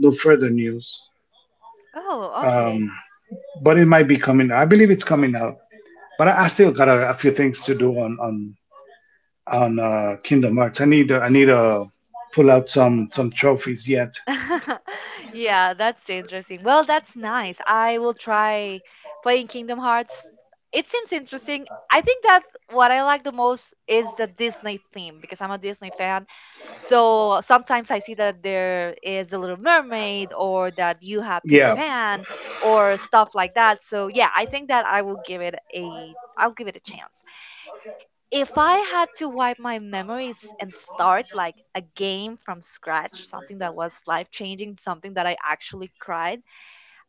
S2: no further news.
S1: Oh, okay.
S2: Um, but it might be coming. I believe it's coming out. But I still got a few things to do on Kingdom Hearts. I need to pull out some trophies yet.
S1: Yeah, that's interesting. Well, that's nice. I will try playing Kingdom Hearts. It seems interesting. I think that what I like the most is the Disney theme because I'm a Disney fan. So sometimes I see that there is The Little Mermaid or that you have Peter
S2: Yeah.
S1: Pan or stuff like that. So yeah, I think that I will give it a I'll give it a chance if I had to wipe my memories and start like a game from scratch, something that was life changing, something that I actually cried,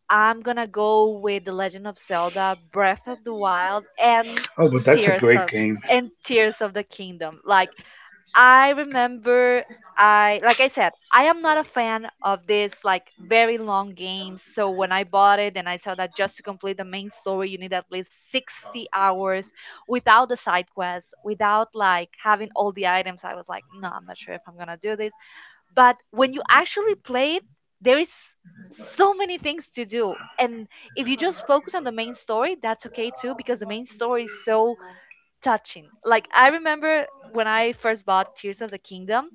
S1: I'm gonna go with The Legend of Zelda, Breath of the Wild, and
S2: Oh, but that's a
S1: Tears
S2: great
S1: of
S2: game.
S1: Tears of the Kingdom. Like I remember I like I said, I am not a fan of this like very long games. So when I bought it and I saw that just to complete the main story you need at least 60 hours without the side quests, without like having all the items, I was like, no, I'm not sure if I'm going to do this. But when you actually play it, there is so many things to do. And if you just focus on the main story, that's okay too because the main story is so touching. Like I remember when I first bought Tears of the Kingdom,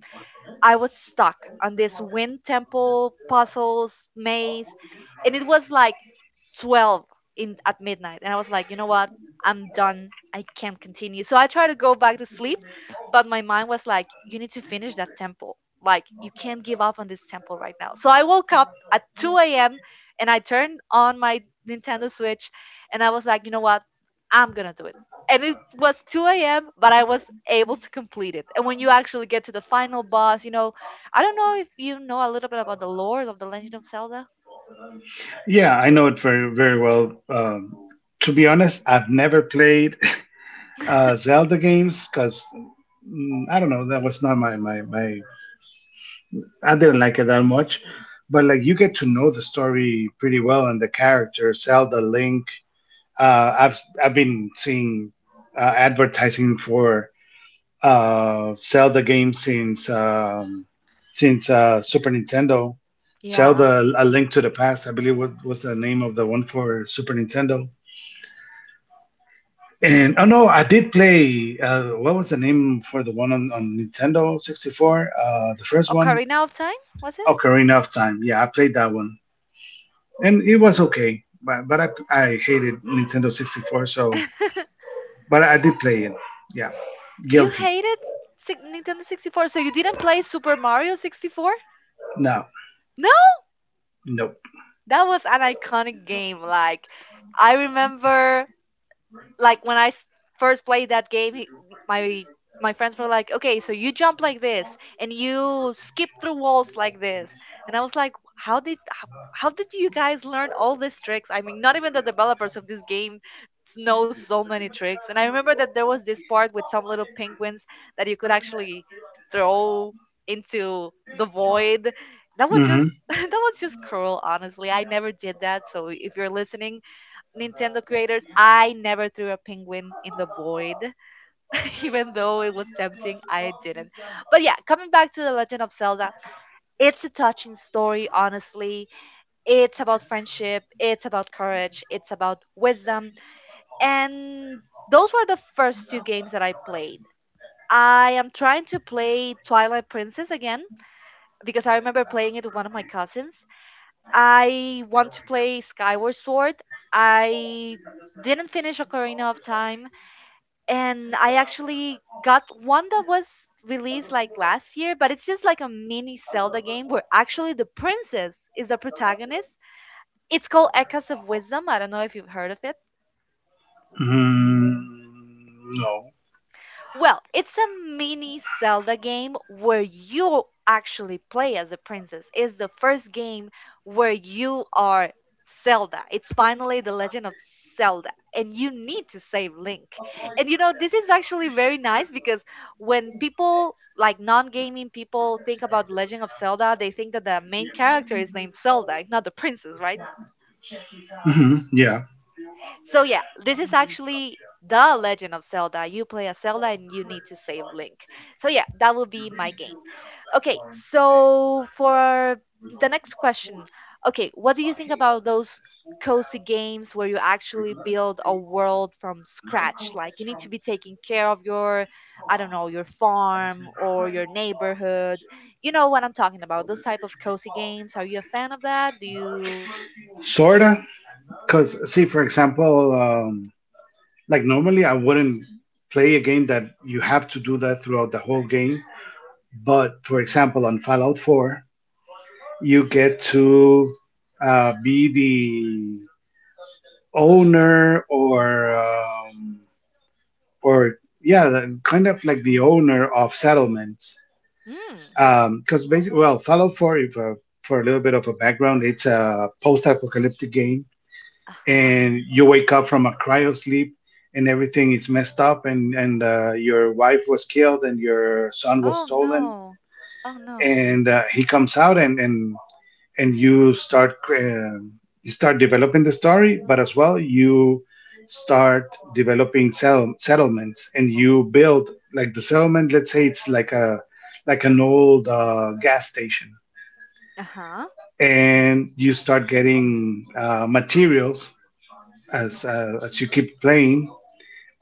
S1: I was stuck on this wind temple puzzles maze, and it was like 12 in at midnight, and I was like, you know what, I'm done. I can't continue. So I tried to go back to sleep, but my mind was like, you need to finish that temple. Like you can't give up on this temple right now. So I woke up at 2 a.m. and I turned on my Nintendo Switch and I was like, you know what? I'm gonna do it, and it was 2 a.m., but I was able to complete it. And when you actually get to the final boss, I don't know if you know a little bit about the lore of The Legend of Zelda.
S2: Yeah, I know it very very well. To be honest, I've never played Zelda games because mm, I don't know, that was not my I didn't like it that much, but like you get to know the story pretty well and the character Zelda Link. I've been seeing advertising for Zelda games since Super Nintendo.
S1: Yeah.
S2: Zelda: A Link to the Past, I believe, was the name of the one for Super Nintendo. And oh no, I did play. What was the name for the one on Nintendo 64? The first one,
S1: Ocarina of Time, was it?
S2: Ocarina of Time. Yeah, I played that one, and it was okay. But I hated Nintendo 64, so but I did play it. Yeah,
S1: You
S2: guilty.
S1: hated Nintendo 64, so you didn't play Super Mario 64?
S2: No,
S1: No!
S2: nope.
S1: That was an iconic game. Like, I remember like when I first played that game, my my friends were like, "Okay, so you jump like this and you skip through walls like this," and I was like, "How did you guys learn all these tricks? I mean, not even the developers of this game know so many tricks." And I remember that there was this part with some little penguins that you could actually throw into the void. That was
S2: Mm-hmm.
S1: just that was just cruel, honestly. I never did that. So if you're listening, Nintendo creators, I never threw a penguin in the void, even though it was tempting. I didn't. But yeah, coming back to The Legend of Zelda, it's a touching story, honestly. It's about friendship, it's about courage, it's about wisdom. And those were the first two games that I played. I am trying to play Twilight Princess again because I remember playing it with one of my cousins. I want to play Skyward Sword. I didn't finish Ocarina of Time. And I actually got one that was released like last year, but it's just like a mini Zelda game where actually the princess is the protagonist. It's called Echoes of Wisdom. I don't know if you've heard of it.
S2: Mm-hmm. No.
S1: Well, it's a mini Zelda game where you actually play as a princess. It's the first game where you are Zelda. It's finally The Legend of Zelda, and you need to save Link. And this is actually very nice because when people like non-gaming people think about Legend of Zelda, they think that the main character is named Zelda, not the princess, right?
S2: Mm-hmm. Yeah,
S1: So yeah, this is actually the Legend of Zelda. You play as Zelda and you need to save Link. So yeah, that will be my game. Okay, so for the next question, okay, what do you think about those cozy games where you actually build a world from scratch? Like you need to be taking care of your, I don't know, your farm or your neighborhood. You know what I'm talking about. Those type of cozy games. Are you a fan of that? Do you?
S2: sorta. Because see, for example, like normally I wouldn't play a game that you have to do that throughout the whole game. But for example, on Fallout 4, you get to be the owner or yeah, the, kind of like the owner of settlements.
S1: Hmm.
S2: Because basically, well, Fallout 4, if, for a little bit of a background, it's a post-apocalyptic game
S1: Uh huh.
S2: and you wake up from a cryo sleep and everything is messed up and your wife was killed and your son
S1: Oh,
S2: was stolen
S1: no. Oh, no.
S2: and he comes out and you start developing the story, but as well you start developing settlements, and you build like the settlement. Let's say it's like a like an old gas station,
S1: Uh-huh.
S2: and you start getting materials as you keep playing,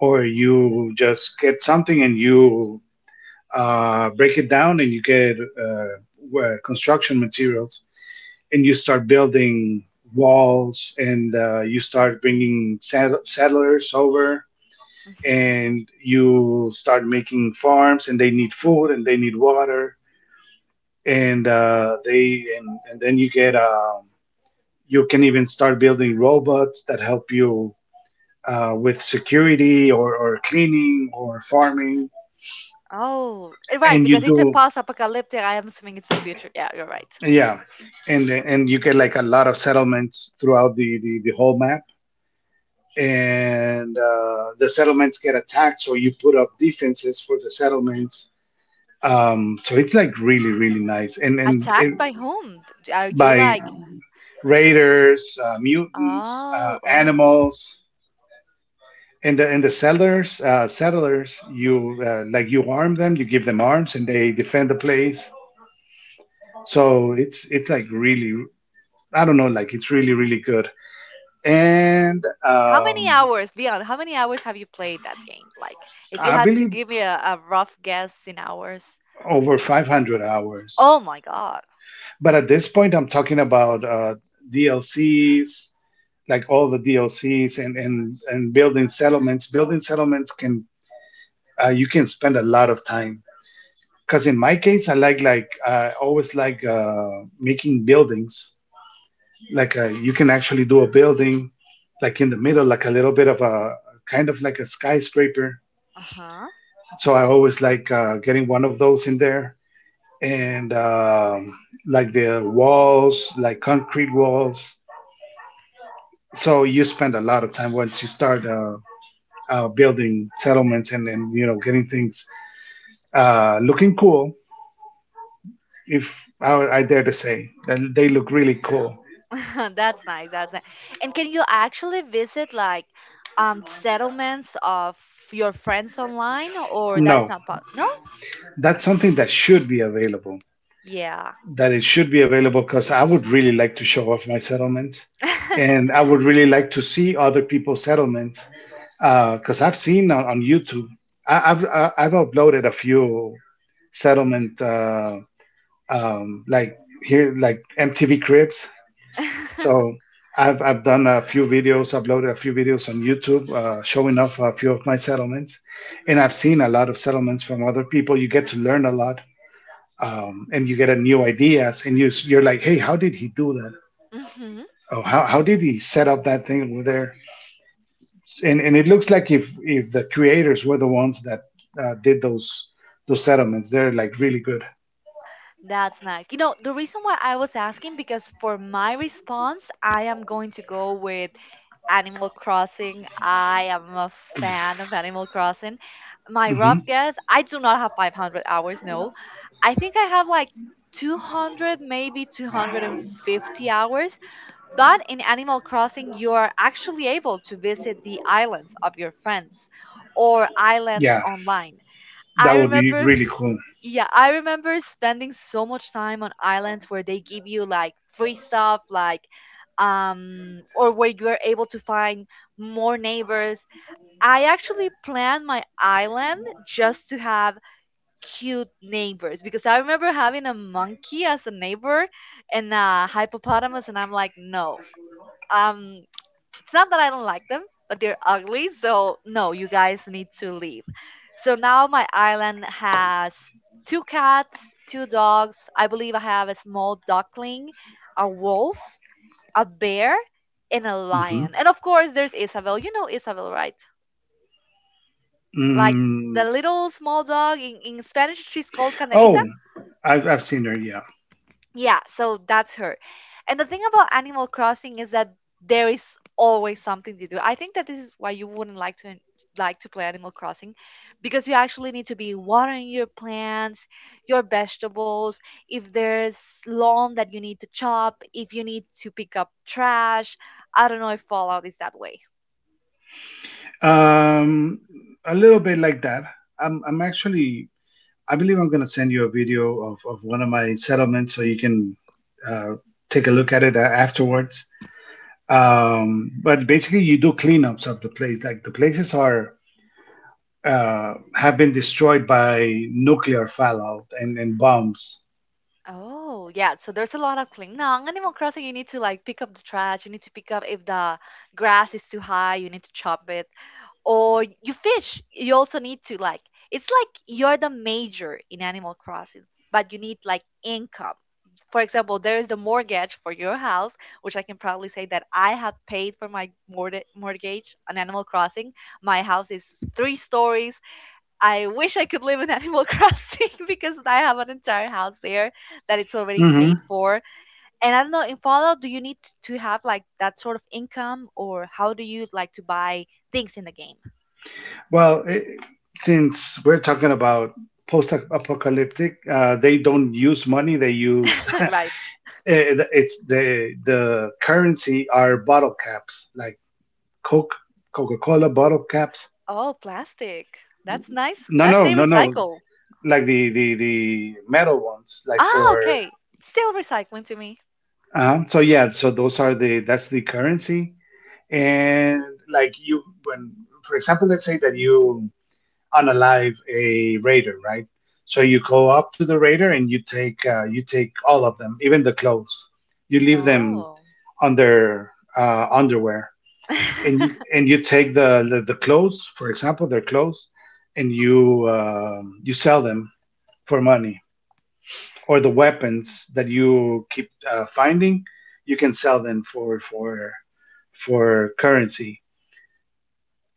S2: or you just get something and you break it down and you get construction materials, and you start building walls and you start bringing settlers over,
S1: Mm-hmm.
S2: and you start making farms, and they need food and they need water, and then you get you can even start building robots that help you with security or cleaning or farming,
S1: Oh, right,
S2: and you
S1: because it's a
S2: do,
S1: post-apocalyptic. I am assuming it's the future. Yeah, you're right.
S2: yeah. And you get like a lot of settlements throughout the whole map, and the settlements get attacked, so you put up defenses for the settlements. So it's like really really nice,
S1: Attacked by whom? Are you
S2: by
S1: like,
S2: raiders, mutants,
S1: oh, oh.
S2: animals. And the, and the settlers, settlers, you like you arm them, you give them arms and they defend the place. So it's like really, I don't know, like it's really really good. And
S1: How many hours, beyond, how many hours have you played that game? Like, if you
S2: I
S1: had to
S2: believe
S1: give me a rough guess in hours.
S2: over 500
S1: Oh
S2: hours.
S1: my God.
S2: But at this point, I'm talking about DLCs, like all the DLCs, and building settlements. Building settlements can you can spend a lot of time. Because in my case, I like, I always like making buildings. Like you can actually do a building, like in the middle, like a little bit of a kind of like a skyscraper.
S1: Uh-huh.
S2: So I always like getting one of those in there and like the walls, like concrete walls. So you spend a lot of time once you start building settlements and then you know getting things looking cool. If I, I dare to say, that they look really cool.
S1: That's nice. That's nice. And can you actually visit like settlements of your friends online or that is
S2: No,
S1: not possible? No?
S2: that's something that should be available,
S1: Yeah.
S2: that it should be available, because I would really like to show off my settlements, and I would really like to see other people's settlements. Because I've seen on YouTube. I've uploaded a few settlement like here like MTV Cribs. So I've done a few videos, uploaded a few videos on YouTube showing off a few of my settlements, and I've seen a lot of settlements from other people. You get to learn a lot, and you get a new ideas, and you, you're like, hey, how did he do that?
S1: Hmm.
S2: Oh, how did he set up that thing over there? And it looks like if the creators were the ones that did those settlements, they're like really good.
S1: That's nice. You know, the reason why I was asking because for my response, I am going to go with Animal Crossing. I am a fan of Animal Crossing. My
S2: Hmm.
S1: rough guess, I do not have 500 hours, no. I think I have like 200, maybe 250 hours. But in Animal Crossing, you are actually able to visit the islands of your friends or islands
S2: Yeah,
S1: online.
S2: that
S1: I
S2: would be
S1: remember,
S2: really cool.
S1: yeah, I remember spending so much time on islands where they give you like free stuff, like, or where you are able to find more neighbors. I actually planned my island just to have cute neighbors because I remember having a monkey as a neighbor and a hippopotamus, and I'm like, no. Um, it's not that I don't like them, but they're ugly. So no, you guys need to leave. So now my island has two cats, two dogs. I believe I have a small duckling, a wolf, a bear, and a
S2: Hmm.
S1: lion. And of course, there's Isabel. You know Isabel, right? Like the
S2: Mm.
S1: little small dog in Spanish, she's called Canelita.
S2: Oh, I've seen her, yeah.
S1: Yeah, so that's her. And the thing about Animal Crossing is that there is always something to do. I think that this is why you wouldn't like to play Animal Crossing because you actually need to be watering your plants, your vegetables, if there's lawn that you need to chop, if you need to pick up trash. I don't know if Fallout is that way.
S2: um, a little bit like that. I'm actually I believe I'm going to send you a video of one of my settlements so you can uh, take a look at it afterwards. But basically, you do cleanups of the place. Like the places are have been destroyed by nuclear fallout and bombs.
S1: Oh, yeah. So there's a lot of cleaning. Now, in Animal Crossing, you need to like pick up the trash. You need to pick up if the grass is too high, you need to chop it. Or you fish, you also need to like, it's like you're the major in Animal Crossing, but you need like income. For example, there is the mortgage for your house, which I can proudly say that I have paid for my mortgage on Animal Crossing. My house is three stories. I wish I could live in Animal Crossing because I have an entire house there that it's already
S2: Hmm.
S1: paid for. And I don't know, in Fallout, do you need to have like that sort of income or how do you like to buy things in the game?
S2: Well, it, since we're talking about post-apocalyptic, they don't use money. They use
S1: Right.
S2: it- it's the currency are bottle caps, like Coke, Coca-Cola bottle caps.
S1: Oh, plastic. That's nice.
S2: No,
S1: That
S2: no,
S1: they
S2: no, No.
S1: recycle.
S2: Like the metal ones, like
S1: Ah,
S2: for
S1: okay. Still recycling to me.
S2: so yeah, so those are the that's the currency. And like you when, for example, let's say that you unalive a raider, right? So you go up to the raider and you take all of them, even the clothes. You leave them
S1: Oh.
S2: on their underwear, and you, and you take the clothes, for example, their clothes, and you you sell them for money, or the weapons that you keep finding, you can sell them for currency,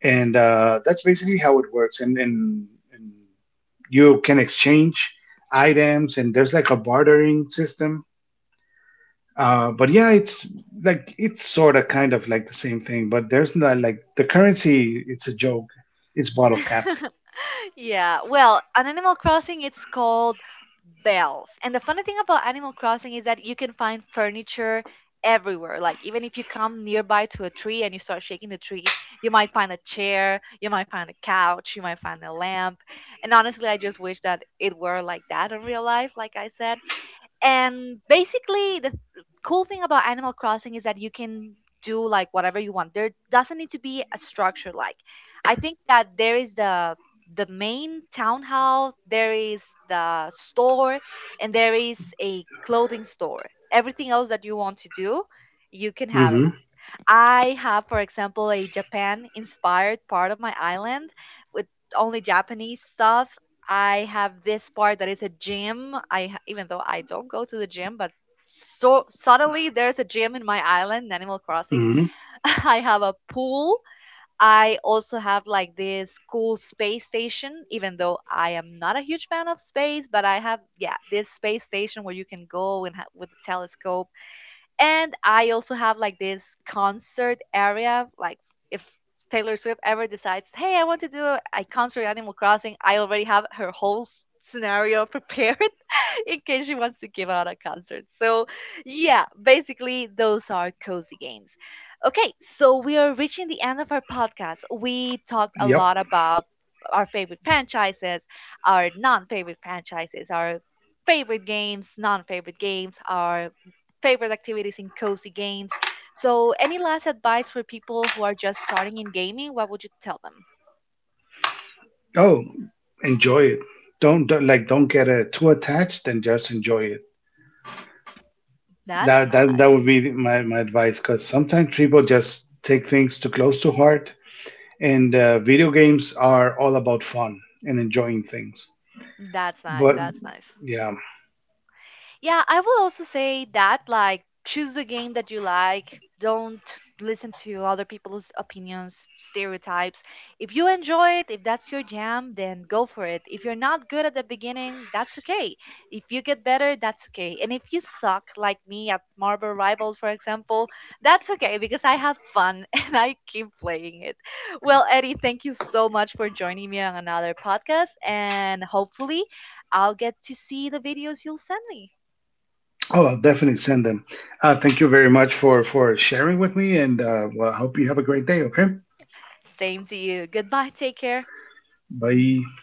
S2: and that's basically how it works. And you can exchange items, and there's like a bartering system. But yeah, it's like it's sort of kind of like the same thing, but there's not like the currency. It's a joke. It's bottle caps.
S1: Yeah, well, on Animal Crossing, it's called Bells. And the funny thing about Animal Crossing is that you can find furniture everywhere. Like, even if you come nearby to a tree and you start shaking the tree, you might find a chair, you might find a couch, you might find a lamp. And honestly, I just wish that it were like that in real life, like I said. And basically the cool thing about Animal Crossing is that you can do like whatever you want. There doesn't need to be a structure. Like I think that there is the main townhouse, there is the store, and there is a clothing store. Everything else that you want to do, you can have it.
S2: Mm-hmm.
S1: I have, for example, a Japan inspired part of my island with only Japanese stuff. I have this part that is a gym. Even though I don't go to the gym, but so suddenly there's a gym in my island, in Animal Crossing.
S2: Mm-hmm.
S1: I have a pool. I also have like this cool space station, even though I am not a huge fan of space, but I have, yeah, this space station where you can go and with a telescope. And I also have like this concert area. Like if Taylor Swift ever decides, hey, I want to do a concert at Animal Crossing, I already have her whole scenario prepared. In case she wants to give out a concert. So, yeah, basically, those are cozy games. Okay, so we are reaching the end of our podcast. We talked a
S2: Yep.
S1: lot about our favorite franchises, our non favorite franchises, our favorite games, non favorite games, our favorite activities in cozy games. So, any last advice for people who are just starting in gaming? What would you tell them?
S2: Oh, enjoy it. Don't like, don't get too attached and just enjoy it.
S1: That's
S2: That
S1: nice.
S2: would be my advice, because sometimes people just take things too close to heart, and video games are all about fun and enjoying things.
S1: That's nice.
S2: But
S1: That's nice.
S2: yeah,
S1: Yeah, I will also say that like choose a game that you like. Don't listen to other people's opinions, stereotypes. If you enjoy it, if that's your jam, then go for it. If you're not good at the beginning, that's okay. If you get better, that's okay. And if you suck like me at Marble Rivals, for example, that's okay because I have fun and I keep playing it. Well, Eddie, thank you so much for joining me on another podcast and hopefully I'll get to see the videos you'll send me.
S2: oh, I'll definitely send them. Thank you very much for sharing with me, and well, I hope you have a great day. Okay,
S1: Same to you. Goodbye. Take care.
S2: bye.